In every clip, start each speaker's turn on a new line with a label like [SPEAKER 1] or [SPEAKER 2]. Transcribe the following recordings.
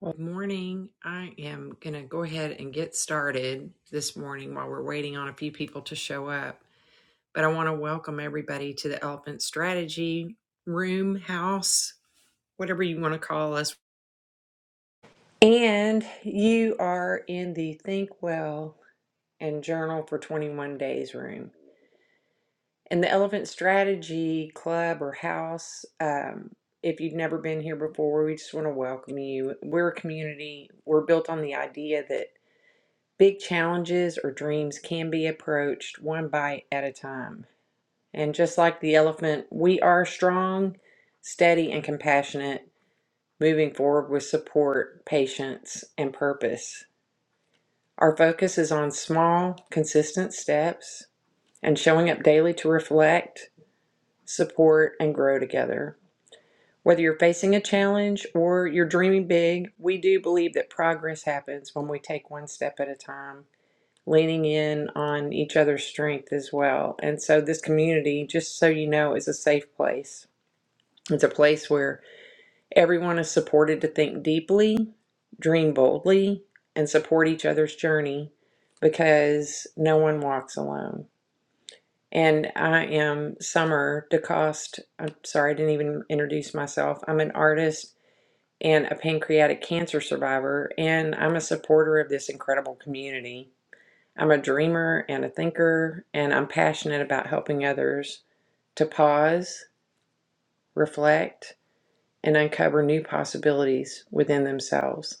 [SPEAKER 1] Well, Good morning. I am going to go ahead and get started this morning while we're waiting on a few people to show up. But I want to welcome everybody to the Elephant Strategy Room, House, whatever you want to call us. And you are in the Think Well and Journal for 21 Days room. And the Elephant Strategy Club or House, um, if you've never been here before, we just want to welcome you. We're a community, we're built on the idea that. Big challenges or dreams can be approached one bite at a time. And just like the elephant, we are strong, steady, and compassionate, moving forward with support, patience, and purpose. Our focus is on small, consistent steps and showing up daily to reflect, support, and grow together. Whether you're facing a challenge or you're dreaming big, we do believe that progress happens when we take one step at a time leaning in on each other's strength as well. And so, this community, just so you know, is a safe place. It's a place where everyone is supported to think deeply, dream boldly, and support each other's journey because no one walks alone. And I am Summer DeCoste. I'm sorry, I didn't even introduce myself. I'm an artist and a pancreatic cancer survivor, and I'm a supporter of this incredible community. I'm a dreamer and a thinker, and I'm passionate about helping others to pause, reflect, and uncover new possibilities within themselves.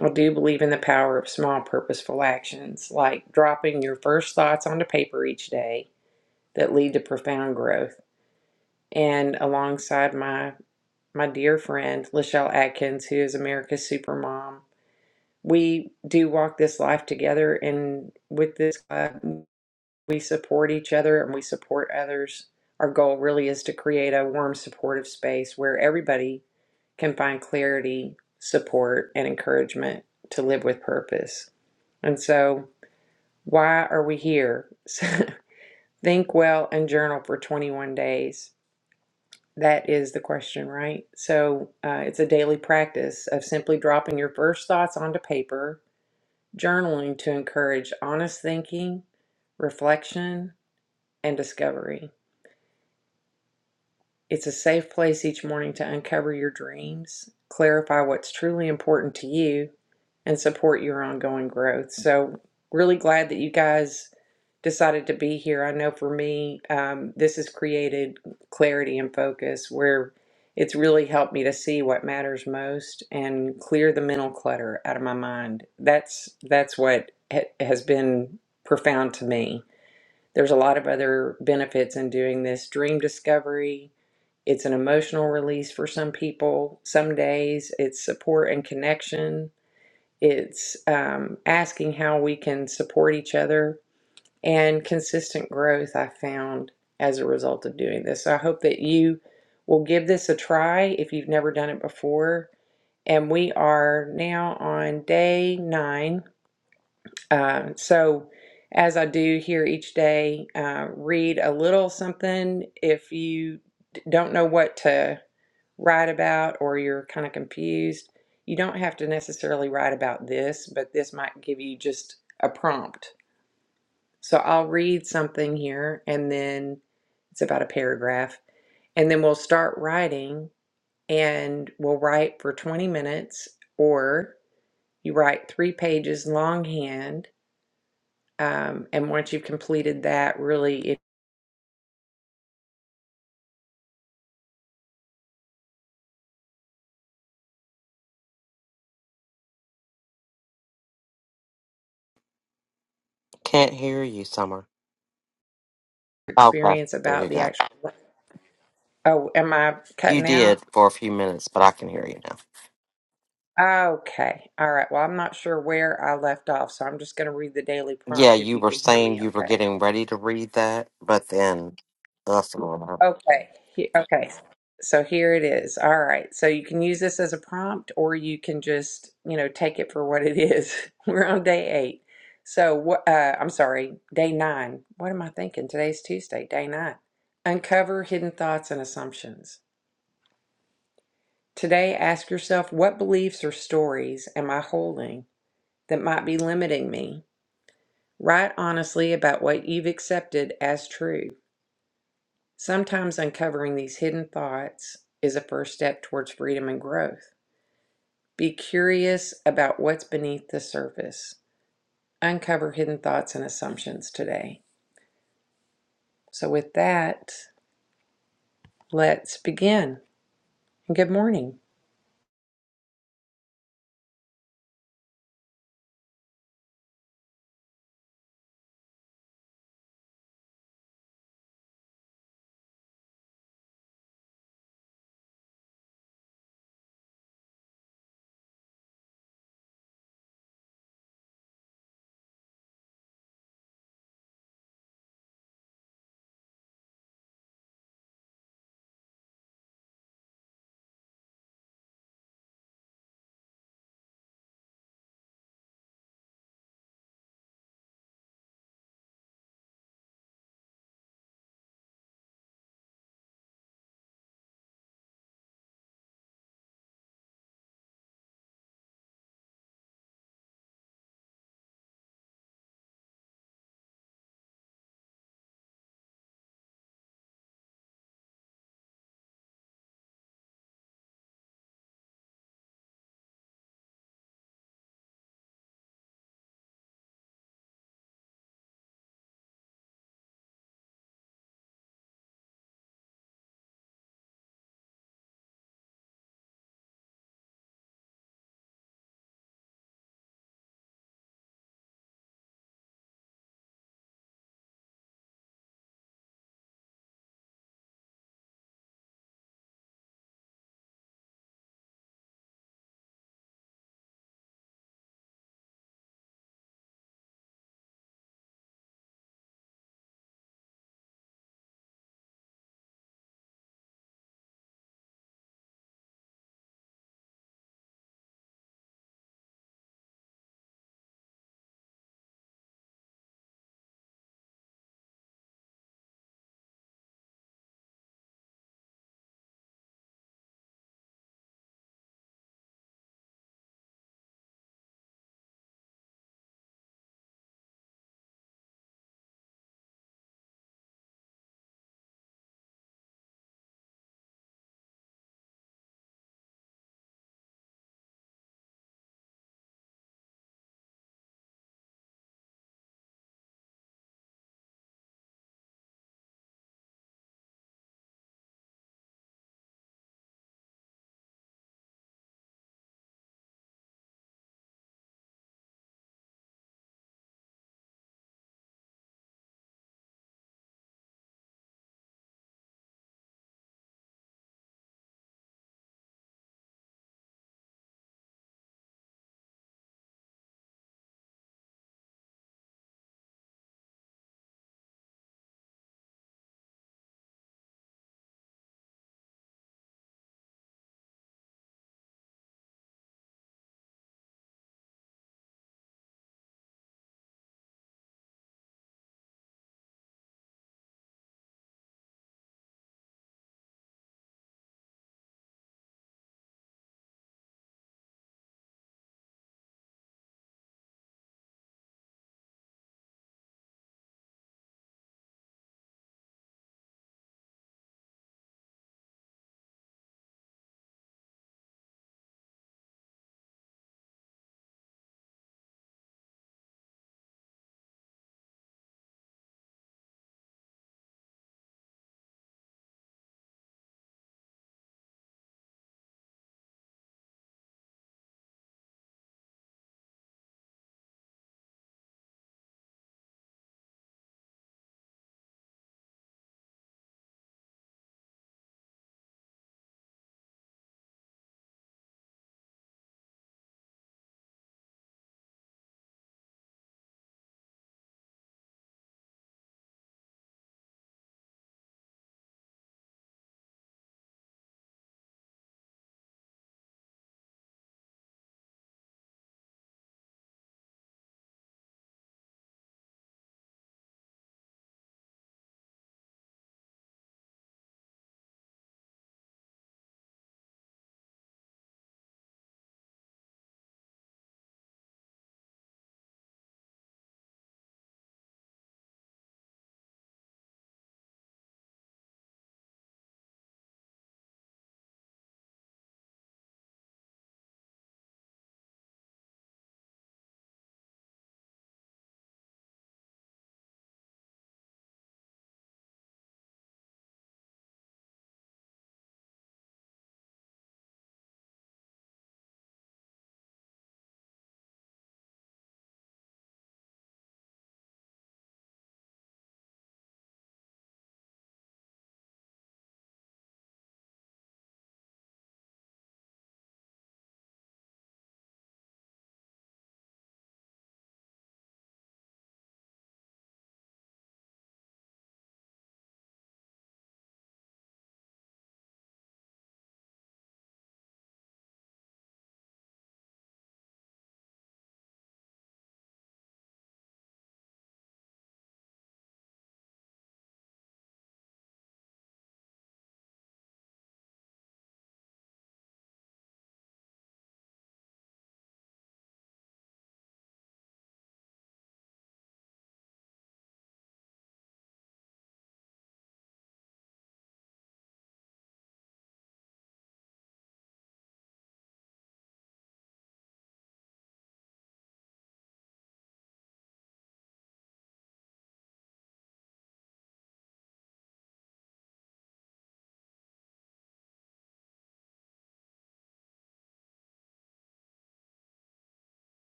[SPEAKER 1] I do believe in the power of small, purposeful actions, like dropping your first thoughts onto paper each day that lead to profound growth. And alongside my my dear friend Lachelle Atkins, who is America's Supermom, we do walk this life together. And with this club, we support each other and we support others. Our goal really is to create a warm, supportive space where everybody can find clarity, support, and encouragement to live with purpose. And so, why are we here? Think well and journal for 21 days. That is the question, right? So, uh, it's a daily practice of simply dropping your first thoughts onto paper, journaling to encourage honest thinking, reflection, and discovery. It's a safe place each morning to uncover your dreams, clarify what's truly important to you, and support your ongoing growth. So, really glad that you guys decided to be here. I know for me, um, this has created clarity and focus where it's really helped me to see what matters most and clear the mental clutter out of my mind. That's that's what ha- has been profound to me. There's a lot of other benefits in doing this dream discovery, it's an emotional release for some people. Some days it's support and connection. It's um, asking how we can support each other and consistent growth, I found as a result of doing this. So I hope that you will give this a try if you've never done it before. And we are now on day nine. Uh, so, as I do here each day, uh, read a little something. If you d- don't know what to write about or you're kind of confused, you don't have to necessarily write about this, but this might give you just a prompt. So I'll read something here and then it's about a paragraph and then we'll start writing and we'll write for 20 minutes or you write three pages longhand um, and once you've completed that really if
[SPEAKER 2] Can't hear you, Summer.
[SPEAKER 1] your
[SPEAKER 2] Oh, Okay,
[SPEAKER 1] experience
[SPEAKER 2] there
[SPEAKER 1] about
[SPEAKER 2] you
[SPEAKER 1] the
[SPEAKER 2] go.
[SPEAKER 1] actual oh am i
[SPEAKER 2] You
[SPEAKER 1] cutting out
[SPEAKER 2] did for a few minutes, but I can hear you now.
[SPEAKER 1] Okay. All right. Well, I'm not sure where I left off, so I'm just going to read the daily
[SPEAKER 2] Yeah,
[SPEAKER 1] prompt if
[SPEAKER 2] you
[SPEAKER 1] you
[SPEAKER 2] were
[SPEAKER 1] can hear
[SPEAKER 2] saying
[SPEAKER 1] me
[SPEAKER 2] you were
[SPEAKER 1] okay.
[SPEAKER 2] getting ready to read that, but then that's all. right.
[SPEAKER 1] Okay. He- Okay. So here it is. All right. So you can use this as a prompt or you can just, you know, take it for what it is. We're on day 8. So what uh I'm sorry, day 9. What am I thinking? Today's Tuesday, day 9. Uncover hidden thoughts and assumptions. Today ask yourself what beliefs or stories am I holding that might be limiting me? Write honestly about what you've accepted as true. Sometimes uncovering these hidden thoughts is a first step towards freedom and growth. Be curious about what's beneath the surface. Uncover hidden thoughts and assumptions today. So, with that, let's begin. Good morning.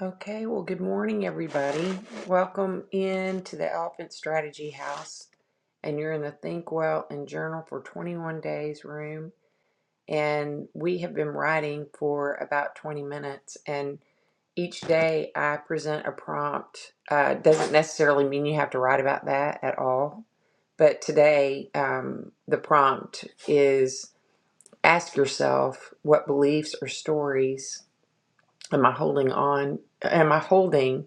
[SPEAKER 1] Okay, well, good morning, everybody. Welcome into the Elephant Strategy House. And you're in the Think Well and Journal for 21 Days room. and we have been writing for about 20 minutes and each day i present a prompt uh, doesn't necessarily mean you have to write about that at all but today um, the prompt is ask yourself what beliefs or stories am i holding on am i holding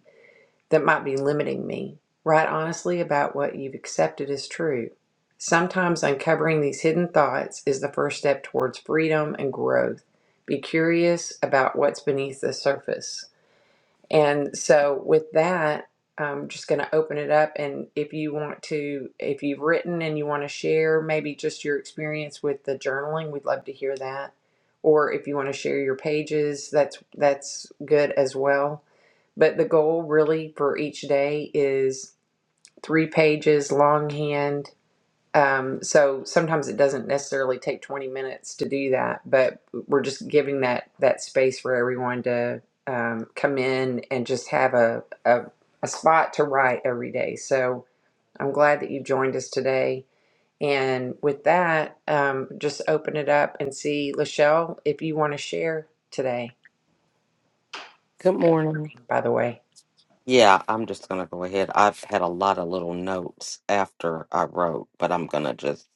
[SPEAKER 1] that might be limiting me. Write honestly about what you've accepted as true. Sometimes uncovering these hidden thoughts is the first step towards freedom and growth. Be curious about what's beneath the surface. And so, with that, I'm just going to open it up. And if you want to, if you've written and you want to share maybe just your experience with the journaling, we'd love to hear that. Or if you want to share your pages, that's that's good as well. But the goal really for each day is three pages longhand um, so sometimes it doesn't necessarily take 20 minutes to do that, but we're just giving that that space for everyone to um, come in and just have a, a a spot to write every day. So I'm glad that you joined us today. And with that, um, just open it up and see, Lachelle, if you want to share today.
[SPEAKER 2] Good morning.
[SPEAKER 1] By the way,
[SPEAKER 2] Yeah, I'm just gonna go ahead. I've had a lot of little notes after I wrote, but I'm gonna just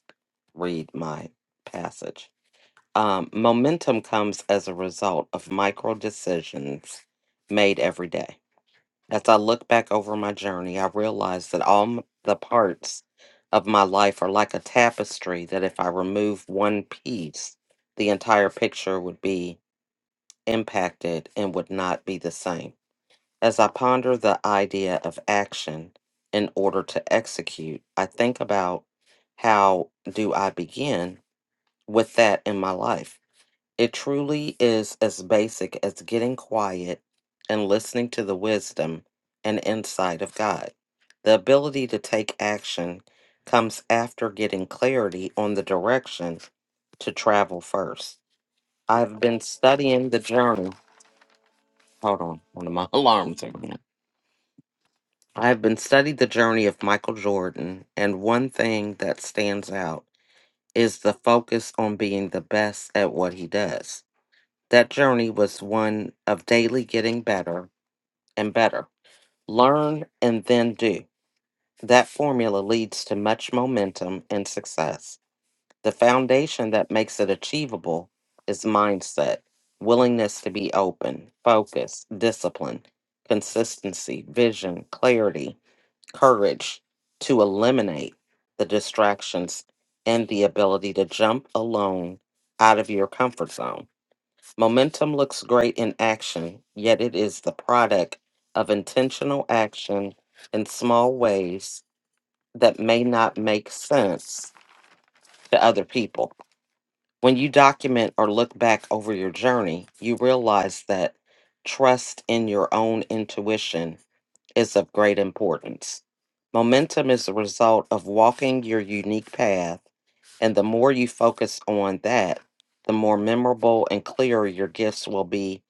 [SPEAKER 2] read my passage. Um, momentum comes as a result of micro decisions made every day. As I look back over my journey, I realize that all m- the parts of my life are like a tapestry that if I remove one piece, the entire picture would be impacted and would not be the same. As I ponder the idea of action in order to execute, I think about how do I begin with that in my life? It truly is as basic as getting quiet and listening to the wisdom and insight of God. The ability to take action comes after getting clarity on the direction to travel first. I've been studying the journey. Hold on, one of my alarms are going. I have been studying the journey of Michael Jordan, and one thing that stands out is the focus on being the best at what he does. That journey was one of daily getting better and better. Learn and then do. That formula leads to much momentum and success. The foundation that makes it achievable is mindset, willingness to be open, focus, discipline, consistency, vision, clarity, courage to eliminate the distractions, and the ability to jump alone out of your comfort zone. Momentum looks great in action, yet it is the product of intentional action in small ways that may not make sense to other people. When you document or look back over your journey, you realize that trust in your own intuition is of great importance. Momentum is the result of walking your unique path and the more you focus on that, the more memorable and clear your gifts will be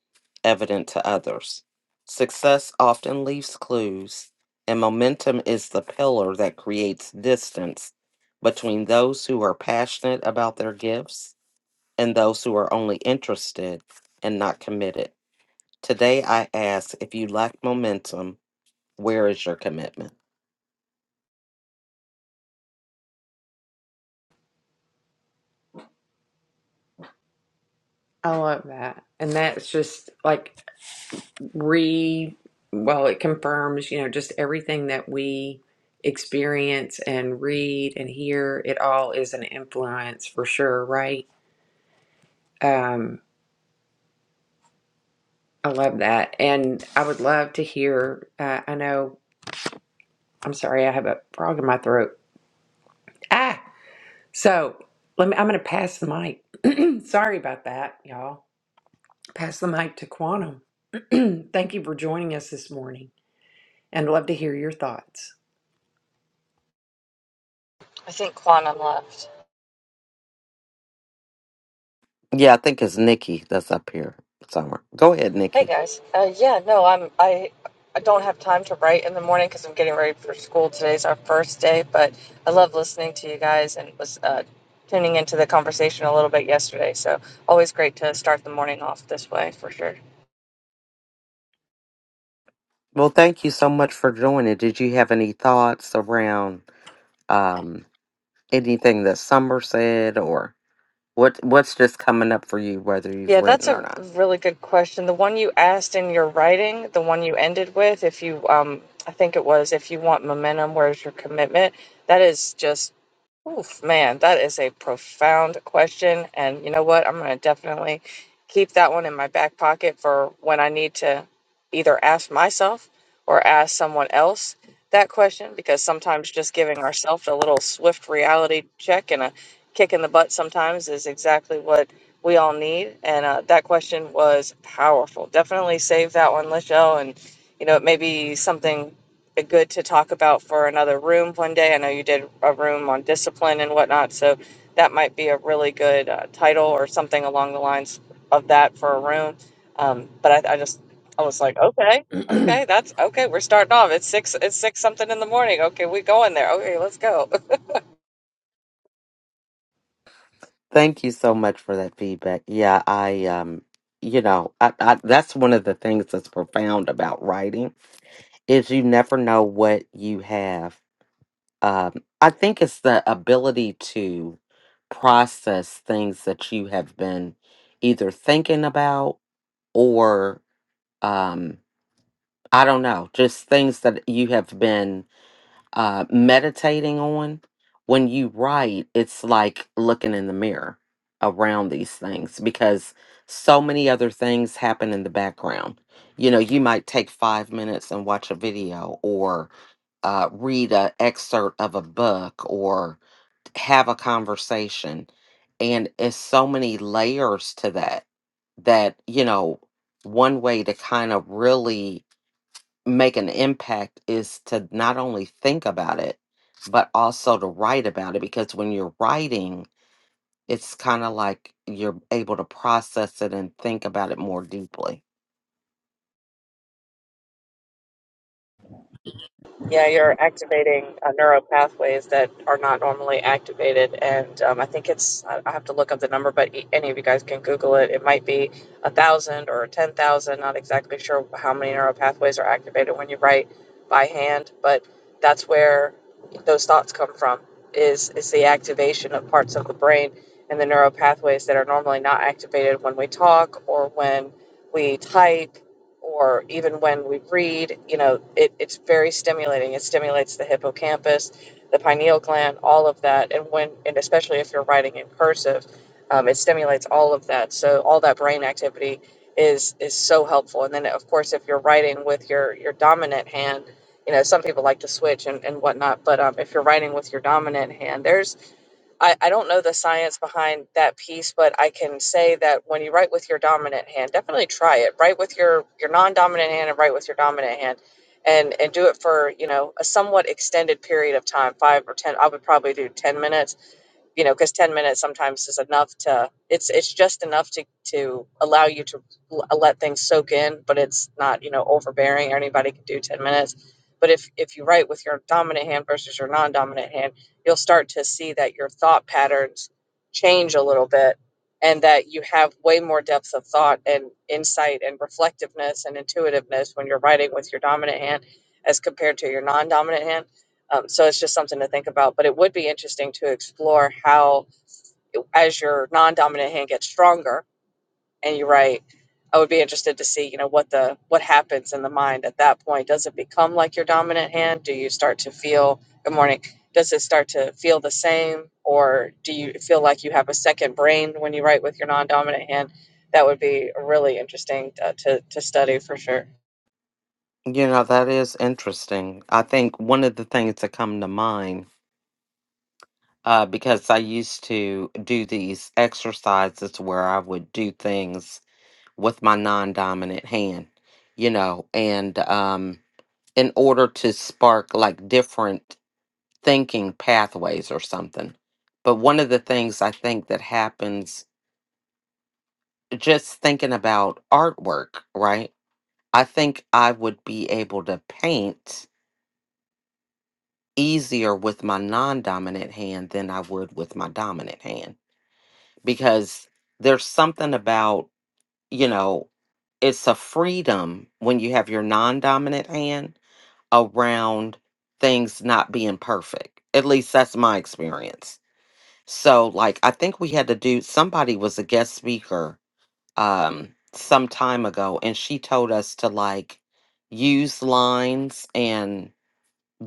[SPEAKER 2] evident to others. Success often leaves clues, and momentum is the pillar that creates distance between those who are passionate about their gifts and those who are only interested and not committed. Today, I ask if you lack momentum, where is your commitment?
[SPEAKER 1] I love that, and that's just like re well it confirms you know just everything that we experience and read and hear it all is an influence for sure right um i love that and i would love to hear uh, i know i'm sorry i have a frog in my throat ah so let me i'm gonna pass the mic sorry about that y'all pass the mic to quantum thank you for joining us this morning and love to hear your thoughts
[SPEAKER 3] I think Quantum left.
[SPEAKER 2] Yeah, I think it's Nikki that's up here somewhere. Go ahead,
[SPEAKER 3] Hey
[SPEAKER 2] Nikki.
[SPEAKER 3] guys. Uh, yeah, no, I'm I I don't have time to write in the morning because I'm getting ready for school. Today's our first day, but I love listening to you guys and was uh, tuning into the conversation a little bit yesterday. So always great to start the morning off this way for sure.
[SPEAKER 2] Well, thank you so much for joining. Did you have any thoughts around um, anything that Summer said, or what? What's just coming up for you, whether you've
[SPEAKER 3] Yeah, that's
[SPEAKER 2] written
[SPEAKER 3] a
[SPEAKER 2] or not?
[SPEAKER 3] really good question. The one you asked in your writing, the one you ended with, if you, um, I think it was, if you want momentum, where's your commitment? That is just, oof, man, that is a profound question. And you know what? I'm going to definitely keep that one in my back pocket for when I need to either ask myself or ask someone else that question, because sometimes just giving ourselves a little swift reality check and a kick in the butt sometimes is exactly what we all need. And uh, that question was powerful. Definitely save that one, Lisho. And, you know, it may be something good to talk about for another room one day. I know you did a room on discipline and whatnot. So that might be a really good uh, title or something along the lines of that for a room. Um, but I, I just, I was like, okay. Okay, that's okay. We're starting off. It's six. It's six something in the morning. Okay, we going there. Okay, let's go.
[SPEAKER 2] Thank you so much for that feedback. Yeah, I, um, you know, I, I, that's one of the things that's profound about writing is you never know what you have Um, I think it's the ability to process things that you have been either thinking about or, um, I don't know, just things that you have been uh, meditating on. When you write, it's like looking in the mirror around these things because so many other things happen in the background. You know, you might take five minutes and watch a video or uh, read an excerpt of a book or have a conversation and it's so many layers to that that you know one way to kind of really make an impact is to not only think about it but also to write about it because when you're writing it's kind of like you're able to process it and think about it more deeply
[SPEAKER 3] Yeah, you're activating uh, neural pathways that are not normally activated, and um, I think it's I I have to look up the number, but e- any of you guys can Google it. It might be a thousand or ten thousand. Not exactly sure how many neural pathways are activated when you write by hand, but that's where those thoughts come from. Is is the activation of parts of the brain and the neural pathways that are normally not activated when we talk or when we type or even when we read, you know, it, it's very stimulating. It stimulates the hippocampus, the pineal gland, all of that. And when, and especially if you're writing in cursive, um, it stimulates all of that. So all that brain activity is is so helpful. And then of course, if you're writing with your your dominant hand, you know, some people like to switch and, and whatnot. But um, if you're writing with your dominant hand, there's I, I don't know the science behind that piece, but I can say that when you write with your dominant hand, definitely try it. Write with your, your non-dominant hand and write with your dominant hand and, and do it for, you know, a somewhat extended period of time, five or 10, I would probably do 10 minutes you know because 10 minutes sometimes is enough to it's it's just enough to to allow you to l- let things soak in but it's not you know overbearing or anybody can do 10 minutes but if if you write with your dominant hand versus your non-dominant hand you'll start to see that your thought patterns change a little bit and that you have way more depth of thought and insight and reflectiveness and intuitiveness when you're writing with your dominant hand as compared to your non-dominant hand um, so it's just something to think about. But it would be interesting to explore how, as your non-dominant hand gets stronger, and you write, I would be interested to see, you know, what the what happens in the mind at that point. Does it become like your dominant hand? Do you start to feel? Good morning. Does it start to feel the same, or do you feel like you have a second brain when you write with your non-dominant hand? That would be really interesting uh, to to study for sure.
[SPEAKER 2] you know that is interesting i think one of the things that come to mind uh, because I used to do these exercises where I would do things with my non dominant hand, you know, and um, in order to spark like different thinking pathways or something. But one of the things I think that happens just thinking about artwork, right? I think I would be able to paint easier with my non dominant hand than I would with my dominant hand because there's something about, you know, it's a freedom when you have your non dominant hand around things not being perfect. At least that's my experience. So, like, I think we had to do, somebody was a guest speaker um, some time ago, and she told us to like use lines and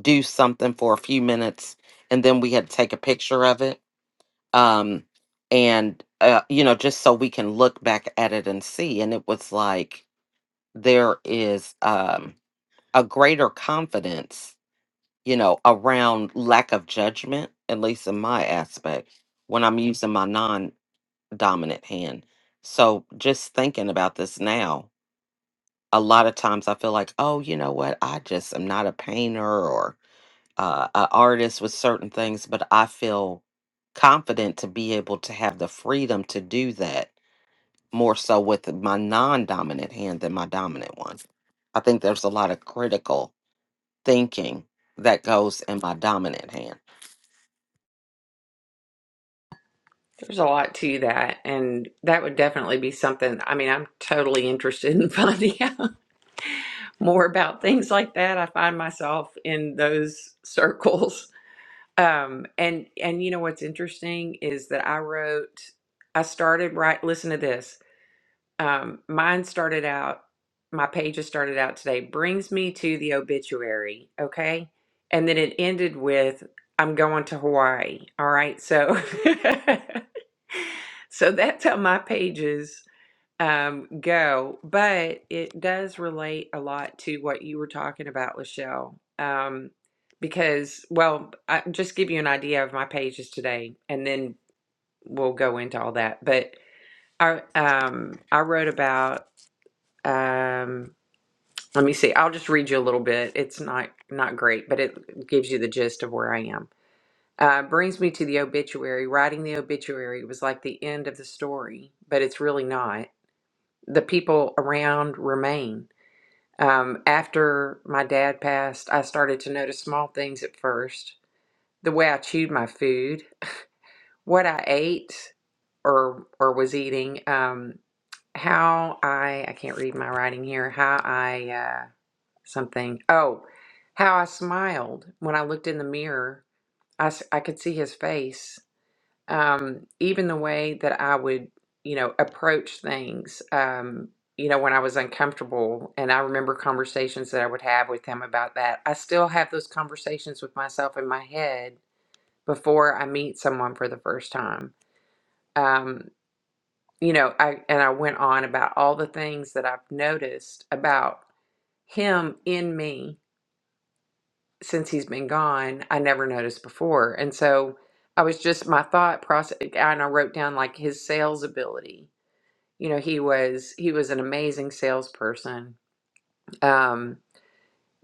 [SPEAKER 2] do something for a few minutes, and then we had to take a picture of it um and uh, you know just so we can look back at it and see and it was like there is um a greater confidence you know around lack of judgment at least in my aspect when i'm using my non-dominant hand so just thinking about this now a lot of times i feel like oh you know what i just am not a painter uh, a artist with certain things, but I feel confident to be able to have the freedom to do that more so with my non dominant hand than my dominant one. I think there's a lot of critical thinking that goes in my dominant hand.
[SPEAKER 1] There's a lot to that, and that would definitely be something. I mean, I'm totally interested in finding out more about things like that. I find myself in those circles. Um, and and you know what's interesting is that I wrote, I started right. Listen to this. Um, mine started out. My pages started out today. Brings me to the obituary. Okay, and then it ended with I'm going to Hawaii. All right, so. So that's how my pages um go but it does relate a lot to what you were talking about Lachelle um because well I just give you an idea of my pages today and then we'll go into all that but I um I wrote about um let me see I'll just read you a little bit it's not not great but it gives you the gist of where I am uh, brings me to the obituary. Writing the obituary was like the end of the story, but it's really not. The people around remain. Um, after my dad passed, I started to notice small things at first. The way I chewed my food, what I ate or or was eating, um, how I I can't read my writing here, how I uh, something. Oh, how I smiled when I looked in the mirror. I, s- I could see his face um, even the way that I would, you know, approach things, um, you know, when I was uncomfortable. And I remember conversations that I would have with him about that. I still have those conversations with myself in my head before I meet someone for the first time. Um, you know, I and I went on about all the things that I've noticed about him in me since he's been gone. I never noticed before, and so I was just my thought process, and I wrote down like his sales ability you know he was he was an amazing salesperson um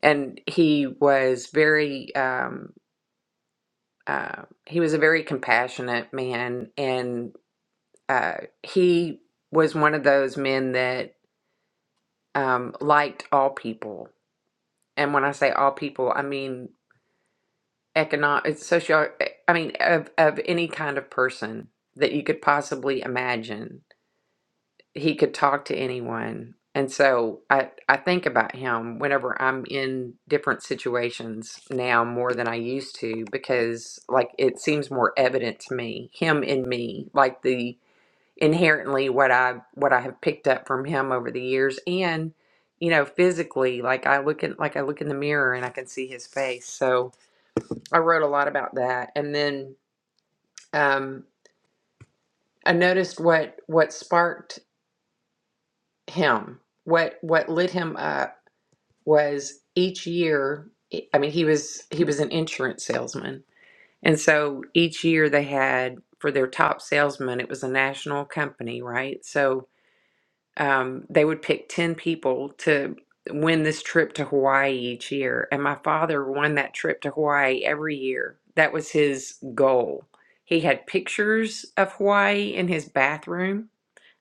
[SPEAKER 1] and he was very um uh he was a very compassionate man and uh he was one of those men that um liked all people and when i say all people i mean economic social i mean of of any kind of person that you could possibly imagine he could talk to anyone. And so I, I think about him whenever I'm in different situations now more than I used to because like it seems more evident to me, him in me, like the inherently what I what I have picked up from him over the years and you know physically like I look at like I look in the mirror and I can see his face. So I wrote a lot about that and then um I noticed what what sparked him, what what lit him up was each year e, i mean he was he was an insurance salesman and so each year they had for their top salesman it was a national company right so um, they would pick 10 people to win this trip to hawaii each year and my father won that trip to hawaii every year that was his goal he had pictures of hawaii in his bathroom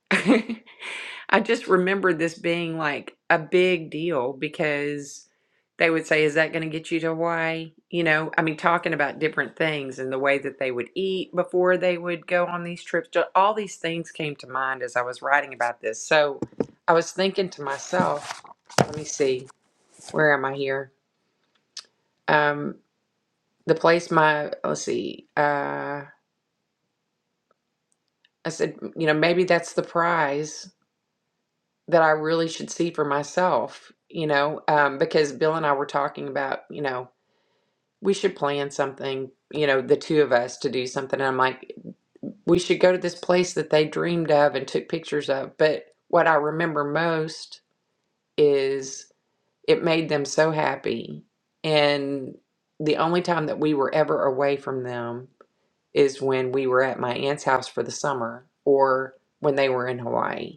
[SPEAKER 1] I just remembered this being like a big deal because they would say, Is that going to get you to Hawaii? You know, I mean, talking about different things and the way that they would eat before they would go on these trips. Ju- All these things came to mind as I was writing about this. So I was thinking to myself, Let me see, where am I here? Um, the place my, let's see, uh, I said, You know, maybe that's the prize that I really should see for myself, you know, um, because Bill and I were talking about, you know, we should plan something, you know, the two of us to do something. And I'm like, we should go to this place that they dreamed of and took pictures of. But what I remember most is it made them so happy. And the only time that we were ever away from them is when we were at my aunt's house for the summer or when they were in Hawaii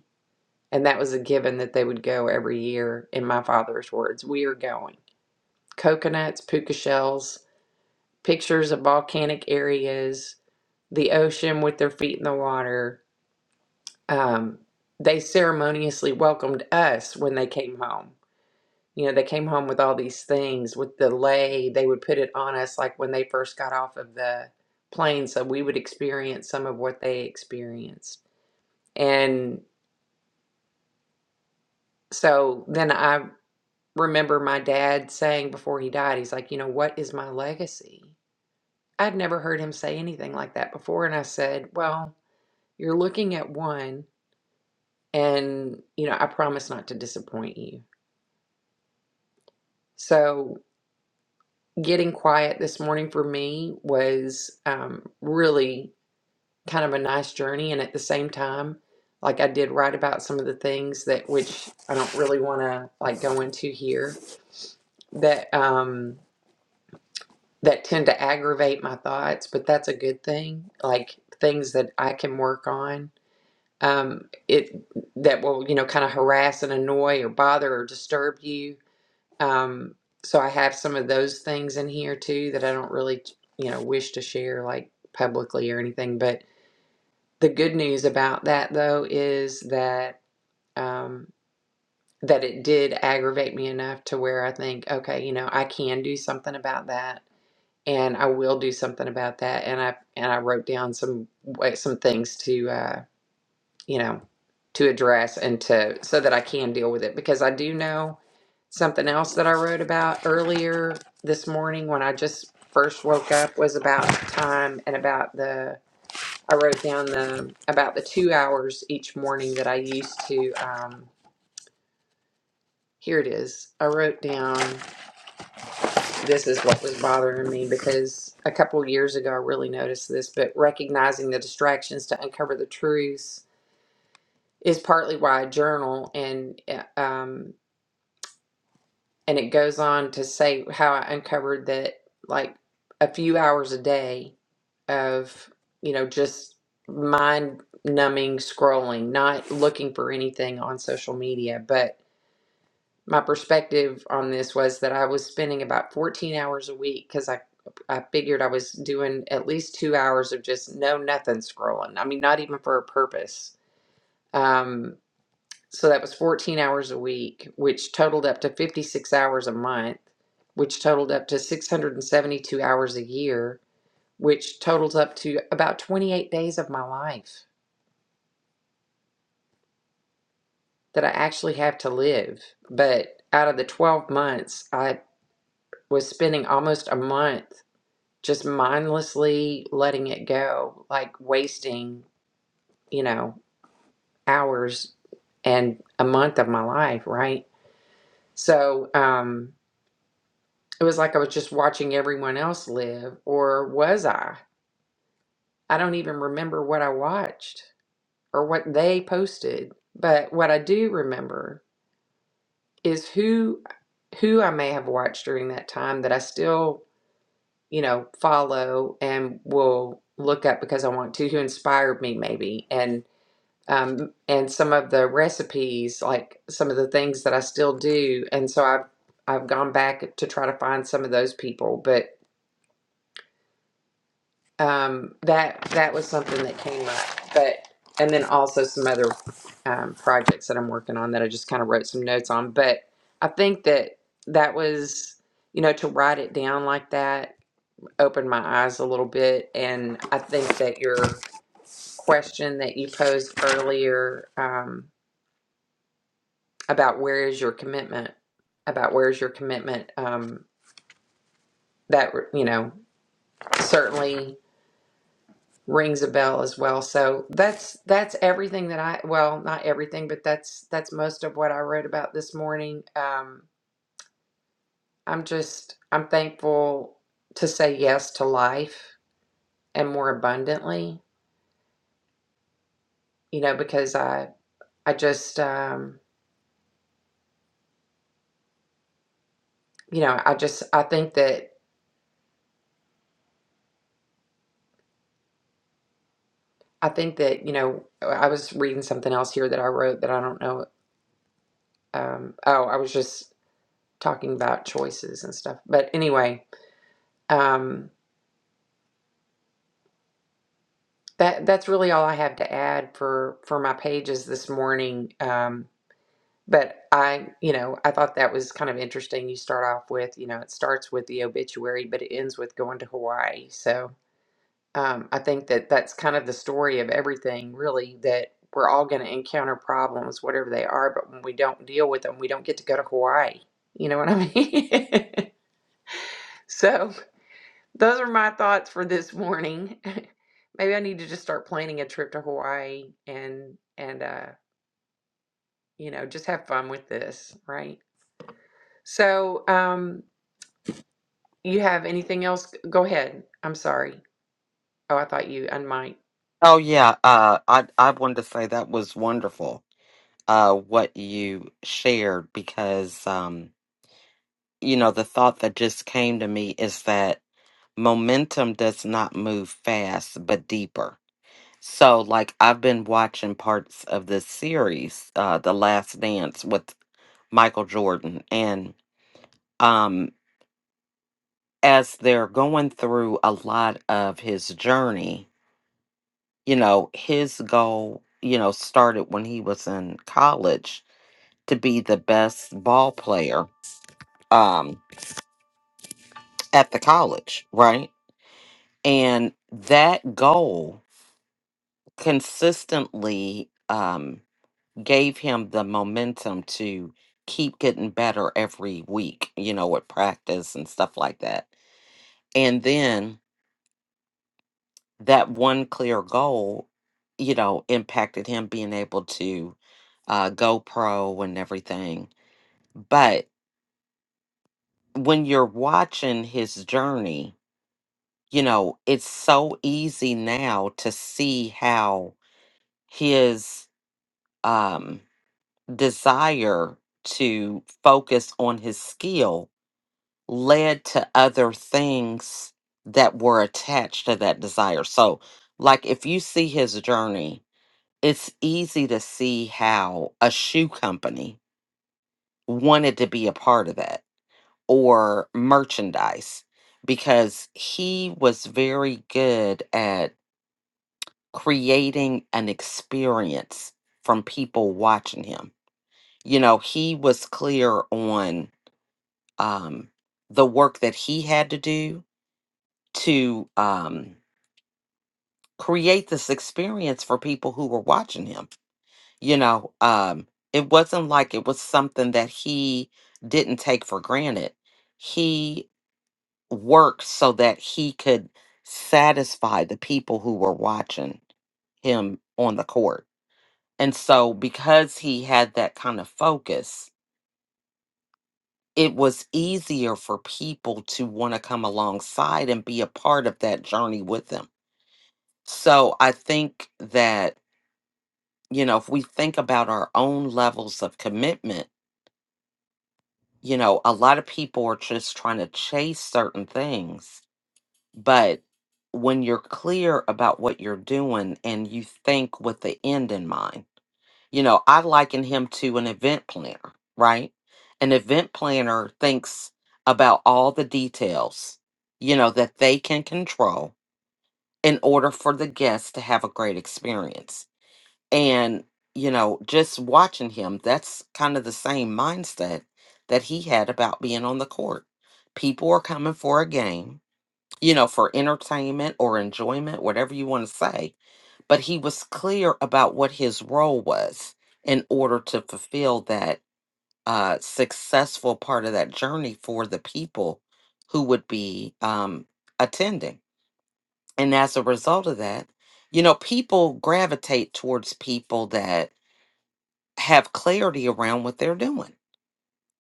[SPEAKER 1] and that was a given that they would go every year, in my father's words. We are going. Coconuts, puka shells, pictures of volcanic areas, the ocean with their feet in the water. Um, they ceremoniously welcomed us when they came home. You know, they came home with all these things with the lei, They would put it on us like when they first got off of the plane. So we would experience some of what they experienced. And so then I remember my dad saying before he died, he's like, you know, what is my legacy? I'd never heard him say anything like that before. And I said, well, you're looking at one, and, you know, I promise not to disappoint you. So getting quiet this morning for me was um, really kind of a nice journey. And at the same time, like I did write about some of the things that, which I don't really want to like go into here, that, um, that tend to aggravate my thoughts, but that's a good thing. Like things that I can work on, um, it that will you know kind of harass and annoy or bother or disturb you. Um, so I have some of those things in here too that I don't really you know wish to share like publicly or anything. But the good news about that though is that um, that it did aggravate me enough to where I think, okay, you know, I can do something about that and I will do something about that. And I and I wrote down some wa- some things to uh, you know to address and to so that I can deal with it because I do know something else that I wrote about earlier this morning when I just first woke up was about time and about the I wrote down the about the two hours each morning that I used to. Um, here it is. I wrote down. this is what was bothering me because a couple years ago I really noticed this, but recognizing the distractions to uncover the truths is partly why I journal and uh, um and it goes on to say how I uncovered that like a few hours a day of you know just mind numbing scrolling, not looking for anything on social media, but my perspective on this was that I was spending about 14 hours a week because I I figured I was doing at least two hours of just no nothing scrolling. I mean, not even for a purpose. Um, so that was 14 hours a week, which totaled up to 56 hours a month, which totaled up to 672 hours a year, which totals up to about 28 days of my life that I actually have to live. But out of the 12 months, I was spending almost a month just mindlessly letting it go, like wasting, you know, hours and a month of my life, right? So um, it was like I was just watching everyone else live, or was I? I don't even remember what I watched or what they posted, but what I do remember is who who I may have watched during that time that I still, you know, follow and will look up because I want to, who inspired me maybe. and. um, and some of the recipes, like some of the things that I still do. And so I've I've gone back to try to find some of those people, but um, that that was something that came up. But and then also some other um, projects that I'm working on that I just kind of wrote some notes on. But I think that that was you know to write it down like that opened my eyes a little bit and i think that your question that you posed earlier um, about where is your commitment about where is your commitment um, that you know certainly rings a bell as well so that's that's everything that i well not everything but that's that's most of what i wrote about this morning um, i'm just i'm thankful to say yes to life and more abundantly you know because i i just um, you know i just i think that i think that you know i was reading something else here that i wrote that i don't know um, oh, I was just talking about choices and stuff. But anyway, um, that that's really all I have to add for for my pages this morning. Um, but I, you know, I thought that was kind of interesting. You start off with, you know, it starts with the obituary, but it ends with going to Hawaii. So um, I think that that's kind of the story of everything, really. That we're all going to encounter problems, whatever they are. But when we don't deal with them, we don't get to go to Hawaii. You know what I mean? so Those are my thoughts for this morning. Maybe I need to just start planning a trip to Hawaii and and uh, you know, just have fun with this, right? So, um, you have anything else? Go ahead. I'm sorry. Oh, I thought you unmiked.
[SPEAKER 2] Oh yeah, uh, I I wanted to say that was wonderful. Uh, what you shared because um, you know the thought that just came to me is that momentum does not move fast but deeper So, like, I've been watching parts of this series, uh, The Last Dance with Michael Jordan. And um, as they're going through a lot of his journey, you know, his goal, you know, started when he was in college to be the best ball player um, at the college, right? And that goal consistently. um. gave him the momentum to keep getting better every week, you know, with practice and stuff like that. And then that one clear goal, you know, impacted him being able to uh, go pro and everything. But when you're watching his journey, you know, it's so easy now to see how his um, desire to focus on his skill led to other things that were attached to that desire. So, like if you see his journey, it's easy to see how a shoe company wanted to be a part of that or merchandise because he was very good at creating an experience from people watching him. You know, he was clear on um, the work that he had to do to um, create this experience for people who were watching him. You know, um, it wasn't like it was something that he didn't take for granted. He worked so that he could satisfy the people who were watching him on the court. And so, because he had that kind of focus, it was easier for people to want to come alongside and be a part of that journey with him. So, I think that you know, if we think about our own levels of commitment, you know, a lot of people are just trying to chase certain things. But when you're clear about what you're doing and you think with the end in mind, you know, I liken him to an event planner, right? An event planner thinks about all the details, you know, that they can control in order for the guests to have a great experience And, you know, just watching him, that's kind of the same mindset that he had about being on the court. People are coming for a game, you know, for entertainment or enjoyment, whatever you want to say. But he was clear about what his role was in order to fulfill that uh, successful part of that journey for the people who would be um, attending. And as a result of that, you know, people gravitate towards people that have clarity around what they're doing.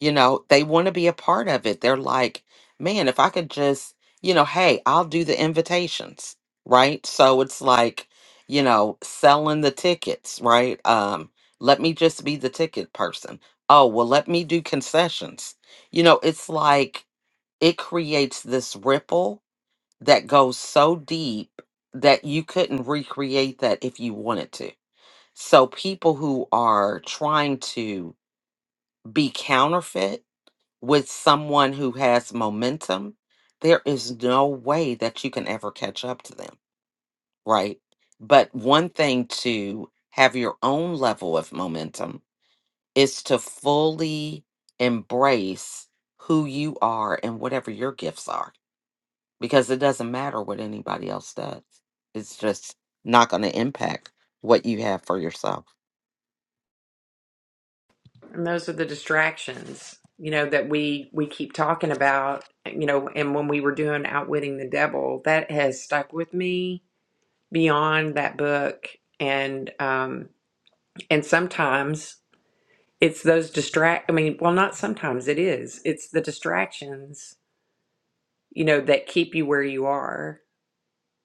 [SPEAKER 2] You know, they want to be a part of it. They're like, man, if I could just, you know, hey, I'll do the invitations, right? So it's like, you know, selling the tickets, right? Um, let me just be the ticket person. Oh, well, let me do concessions. You know, it's like it creates this ripple that goes so deep that you couldn't recreate that if you wanted to. So people who are trying to be counterfeit with someone who has momentum, there is no way that you can ever catch up to them, right? But one thing to have your own level of momentum is to fully embrace who you are and whatever your gifts are, because it doesn't matter what anybody else does. It's just not going to impact what you have for yourself.
[SPEAKER 1] And those are the distractions, you know, that we we keep talking about, you know, and when we were doing Outwitting the Devil, that has stuck with me beyond that book. And um and sometimes it's those distract i mean well not sometimes it is it's the distractions you know that keep you where you are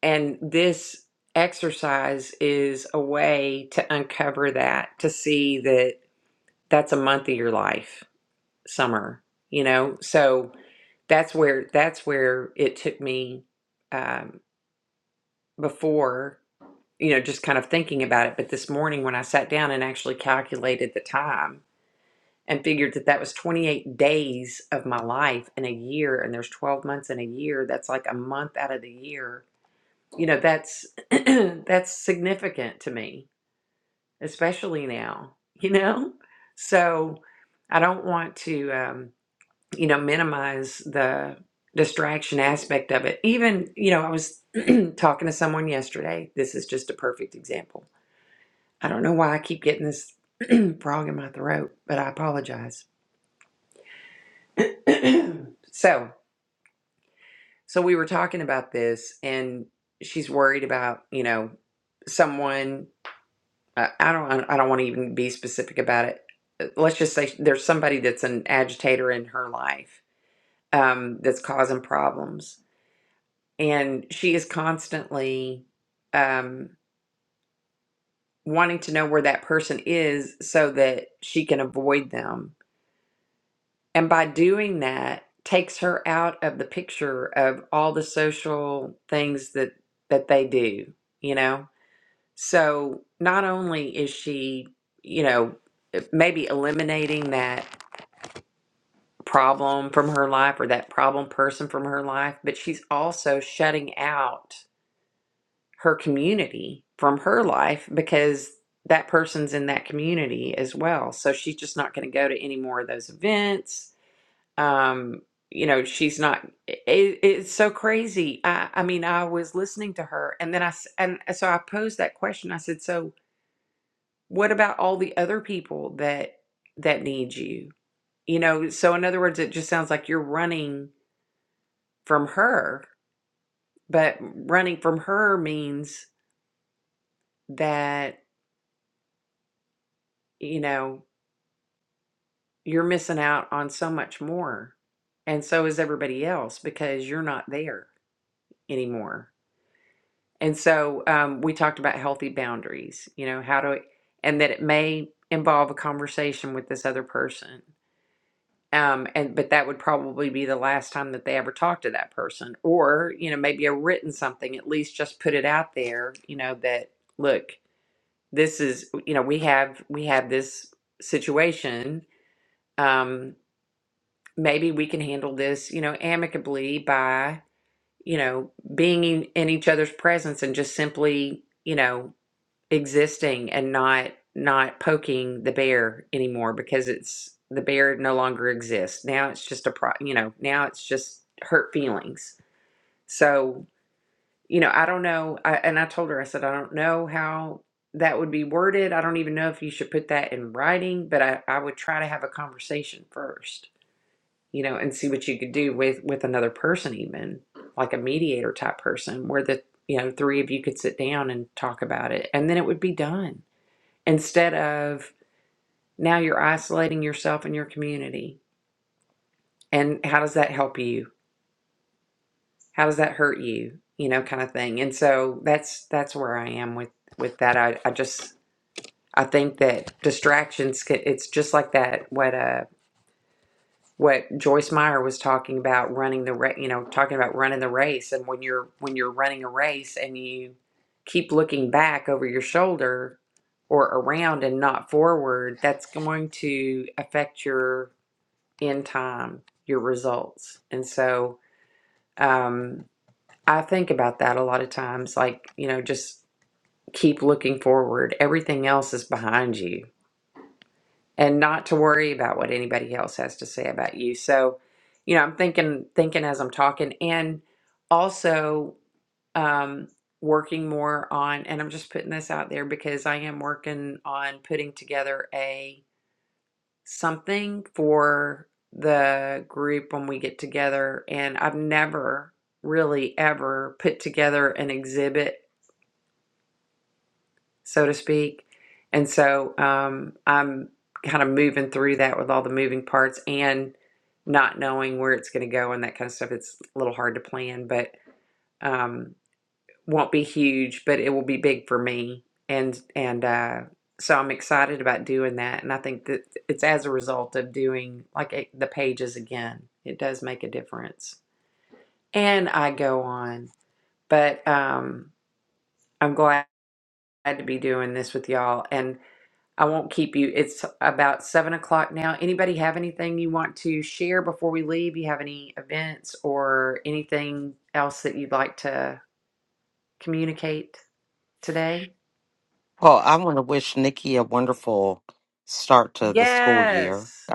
[SPEAKER 1] and this exercise is a way to uncover that to see that that's a month of your life summer you know so that's where that's where it took me um, before you know just kind of thinking about it but this morning when i sat down and actually calculated the time and figured that that was 28 days of my life in a year and there's 12 months in a year that's like a month out of the year you know that's that's significant to me especially now you know so i don't want to um, you know minimize the distraction aspect of it even you know i was talking to someone yesterday this is just a perfect example i don't know why i keep getting this frog in my throat but i apologize so So we were talking about this, and she's worried about you know someone. I I don't. I don't want to even be specific about it. Uh, Let's just say there's somebody that's an agitator in her life um, that's causing problems, and she is constantly um, wanting to know where that person is so that she can avoid them. And by doing that, takes her out of the picture of all the social things that that they do. You know, So not only is she, you know, eh, maybe eliminating that problem from her life or that problem person from her life, but she's also shutting out her community from her life because that person's in that community as well. So she's just not going to go to any more of those events. Um, you know, she's not. It, it's so crazy. I, I mean, I was listening to her, and then I s- and so I posed that question. I said, "So what about all the other people that that need you you know so in other words it just sounds like you're running from her but running from her means that you know you're missing out on so much more and so is everybody else because you're not there anymore and so um, we talked about healthy boundaries you know how to and that it may involve a conversation with this other person um and but that would probably be the last time that they ever talk to that person or you know maybe a written something at least just put it out there you know that look this is you know we have we have this situation um maybe we can handle this you know amicably by you know being in, in each other's presence and just simply you know Existing and not not poking the bear anymore because it's the bear no longer exists. Now it's just a pro, you know, now it's just hurt feelings. So, you know, I don't know. I, and I told her, I said, I don't know how that would be worded. I don't even know if you should put that in writing, but I, I would try to have a conversation first, you know, and see what you could do with with another person, even like a mediator type person where the, you know, three of you could sit down and talk about it and then it would be done instead of now you're isolating yourself and your community and how does that help you how does that hurt you you know kind of thing and so that's that's where i am with with that i, I just i think that distractions can, it's just like that what uh what joyce meyer was talking about running the ra- you know talking about running the race and when you're when you're running a race and you keep looking back over your shoulder or around and not forward that's going to affect your in time your results. And so um, I think about that a lot of times, like, you know, just keep looking forward. Everything else is behind you and not to worry about what anybody else has to say about you. So, you know, I'm thinking, thinking as I'm talking and also um, working more on, and I'm just putting this out there because I am working on putting together a. something for the group when we get together. And I've never really ever put together an exhibit, so to speak. And so um, I'm kind of moving through that with all the moving parts and not knowing where it's going to go and that kind of stuff. It's a little hard to plan, but. Um, won't be huge, but it will be big for me. And and uh, so I'm excited about doing that. And I think that it's as a result of doing like eh, the pages again. It does make a difference. And I go on, but um, I'm glad to be doing this with y'all. And I won't keep you. It's about seven o'clock now. Anybody have anything you want to share before we leave? You have any events or anything else that you'd like to communicate today?
[SPEAKER 2] Well, I want to wish Nikki a wonderful start to the school year.
[SPEAKER 1] Yes.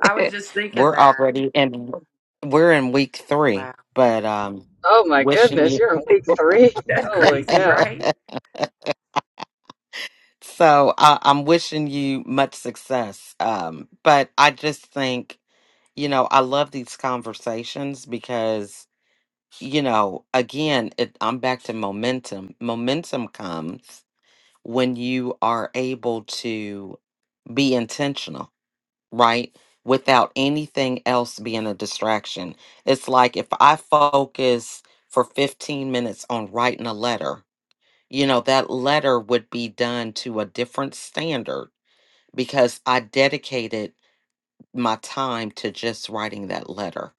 [SPEAKER 1] I was
[SPEAKER 2] It,
[SPEAKER 1] just thinking
[SPEAKER 2] we're
[SPEAKER 1] that.
[SPEAKER 2] already in we're in week three
[SPEAKER 1] Wow.
[SPEAKER 2] but um
[SPEAKER 3] Oh my
[SPEAKER 2] wishing
[SPEAKER 3] goodness,
[SPEAKER 2] you
[SPEAKER 3] you're in week three.
[SPEAKER 1] That's
[SPEAKER 3] Holy
[SPEAKER 1] crazy,
[SPEAKER 3] cow!
[SPEAKER 1] right?
[SPEAKER 2] so uh, i'm wishing you much success um but i just think you know i love these conversations because you know again it, i'm back to momentum momentum comes when you are able to be intentional right? Without anything else being a distraction. It's like if I focus for 15 minutes on writing a letter, you know, that letter would be done to a different standard because I dedicated my time to just writing that letter.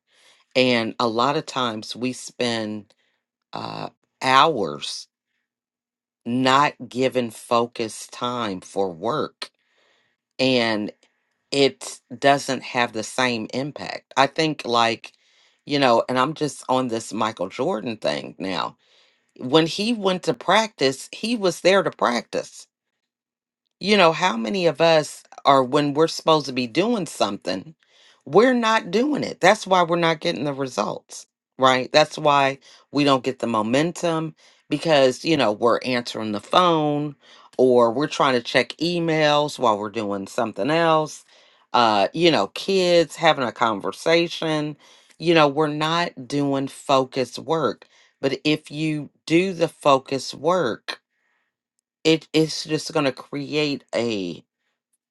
[SPEAKER 2] And a lot of times we spend uh, hours not given focused time for work. it doesn't have the same impact. I think, like, you know, and I'm just on this Michael Jordan thing now. When he went to practice, he was there to practice you know, how many of us are when we're supposed to be doing something, we're not doing it. That's why we're not getting the results, right? That's why we don't get the momentum because, you know, we're answering the phone or we're trying to check emails while we're doing something else. Uh, you know, kids having a conversation, you know, we're not doing focused work. But if you do the focused work, it it's just going to create a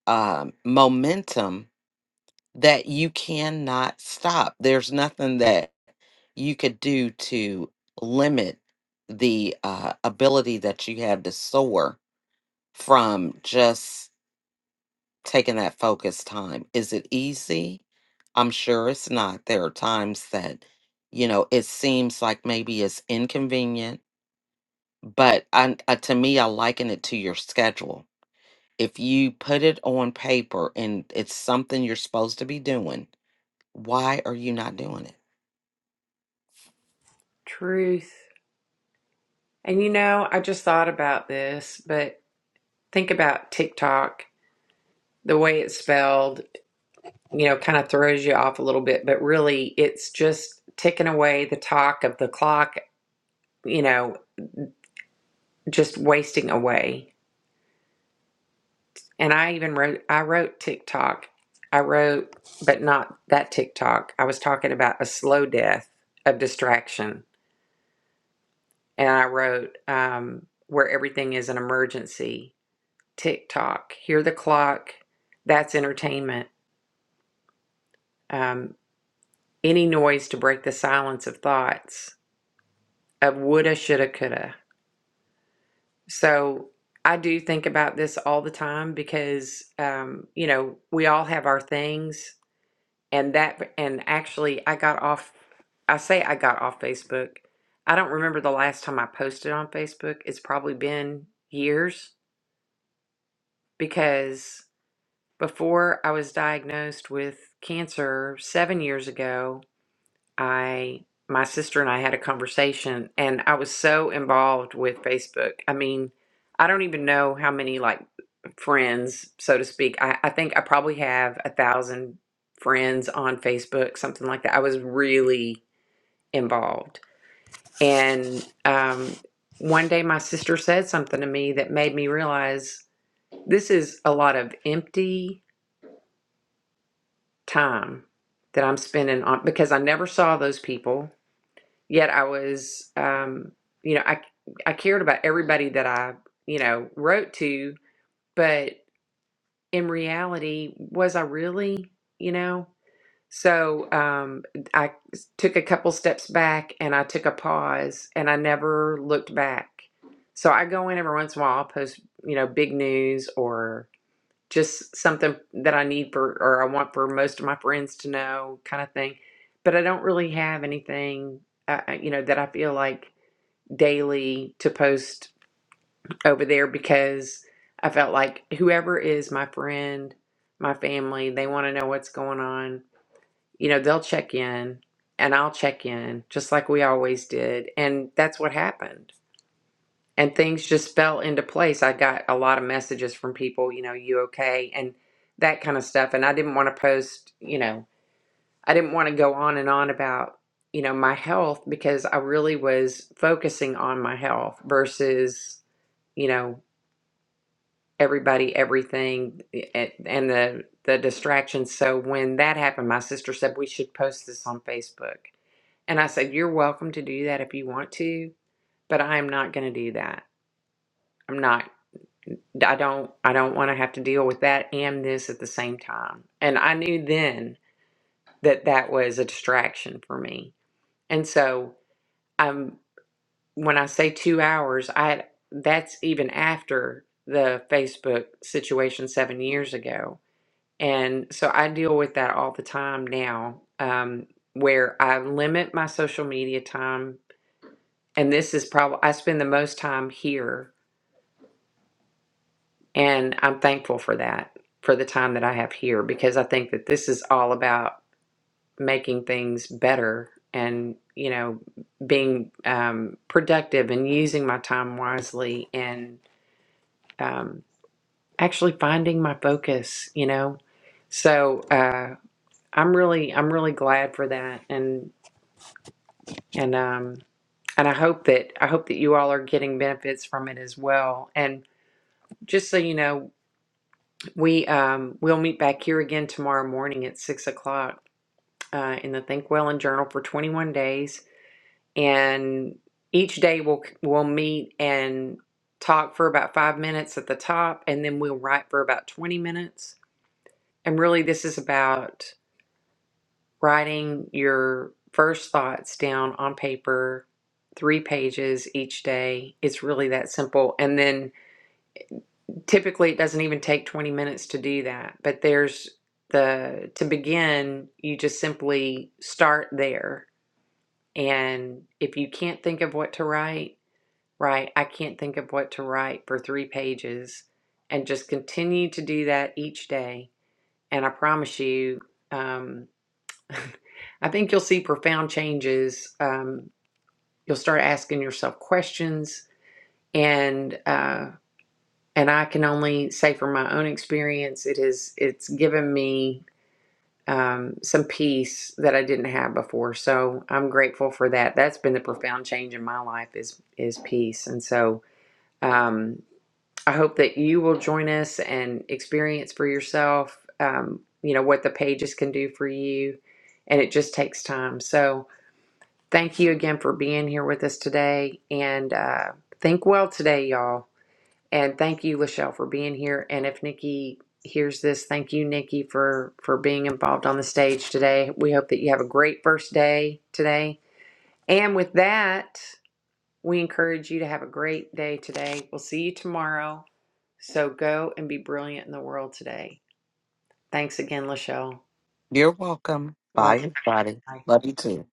[SPEAKER 2] um, momentum that you cannot stop. There's nothing that you could do to limit the uh, ability that you have to soar from just taking that focused time. Is it easy? I'm sure it's not. There are times that, you know, it seems like maybe it's inconvenient, but I, uh, to me, I liken it to your schedule. If you put it on paper and it's something you're supposed to be doing, Why are you not doing it?
[SPEAKER 1] Truth. And you know, I just thought about this, but think about TikTok. The way it's spelled, you know, kind of throws you off a little bit, but really it's just ticking away the talk of the clock, you know, just wasting away. And I even wrote, I wrote TikTok. I wrote, but not that TikTok. I was talking about a slow death of distraction. and I wrote um, where everything is an emergency. TikTok, hear the clock. That's entertainment. Um, any noise to break the silence of thoughts of woulda, shoulda, coulda. So I do think about this all the time because um, you know we all have our things, and that and actually I got off. I say I got off Facebook. I don't remember the last time I posted on Facebook. It's probably been years because Before I was diagnosed with cancer 7 years ago, I my sister and I had a conversation and I was so involved with Facebook. I mean, I don't even know how many like friends, so to speak. I, I think I probably have a thousand friends on Facebook, something like that. I was really involved. And um, one day my sister said something to me that made me realize this is a lot of empty time that I'm spending on because I never saw those people. Yet I was, um, you know, I I cared about everybody that I, you know, wrote to, but in reality, was I really, you know? So um, I took a couple steps back and I took a pause and I never looked back. So I go in every once in a while, I'll post, you know, big news or just something that I need for or I want for most of my friends to know kind of thing. But I don't really have anything uh, uh, you know that I feel like daily to post over there because I felt like whoever is my friend, my family, they want to know what's going on. You know, they'll check in and I'll check in just like we always did. And that's what happened and things just fell into place. I got a lot of messages from people, you know, you okay, and that kind of stuff. And I didn't want to post, you know, I didn't want to go on and on about, you know, my health because I really was focusing on my health versus, you know, everybody, everything, a- and the the distractions. So when that happened, my sister said we should post this on Facebook. And I said, You're welcome to do that if you want to, but I am not going to do that. I'm not. I don't I don't want to have to deal with that and this at the same time. And I knew then that that was a distraction for me. And so um when I say 2 hours, I that's even after the Facebook situation 7 years ago. And so I deal with that all the time now um where I limit my social media time and this is probably I spend the most time here And I'm thankful for that, for the time that I have here, because I think that this is all about making things better and, you know, being um, productive and using my time wisely and um, actually finding my focus, you know. So uh, I'm really, I'm really glad for that. And, and, um, and I hope that I hope that you all are getting benefits from it as well. And just so you know, We um, we'll meet back here again tomorrow morning at six o'clock uh, in the Think Well and Journal for 21 days, and each day we'll we'll meet and talk for about five minutes at the top, and then we'll write for about 20 minutes. And really, this is about writing your first thoughts down on paper, three pages each day. It's really that simple, and then typically it doesn't even take 20 minutes to do that but there's the to begin you just simply start there and if you can't think of what to write write i can't think of what to write for three pages and just continue to do that each day and i promise you um, i think you'll see profound changes um, you'll start asking yourself questions and uh, and I can only say from my own experience, it is it's given me um, some peace that I didn't have before. So I'm grateful for that. That's been the profound change in my life is is peace, and so um, I hope that you will join us and experience for yourself. Um, you know what the pages can do for you, and it just takes time. So thank you again for being here with us today, and uh, think well today, y'all. And thank you, Lachelle, for being here. And if Nikki hears this, thank you, Nikki, for for being involved on the stage today. We hope that you have a great first day today. And with that, we encourage you to have a great day today. We'll see you tomorrow. So go and be brilliant in the world today. Thanks again, Lachelle.
[SPEAKER 2] You're welcome. Bye,
[SPEAKER 1] Love. you.
[SPEAKER 2] everybody.
[SPEAKER 1] Bye.
[SPEAKER 2] Love you too.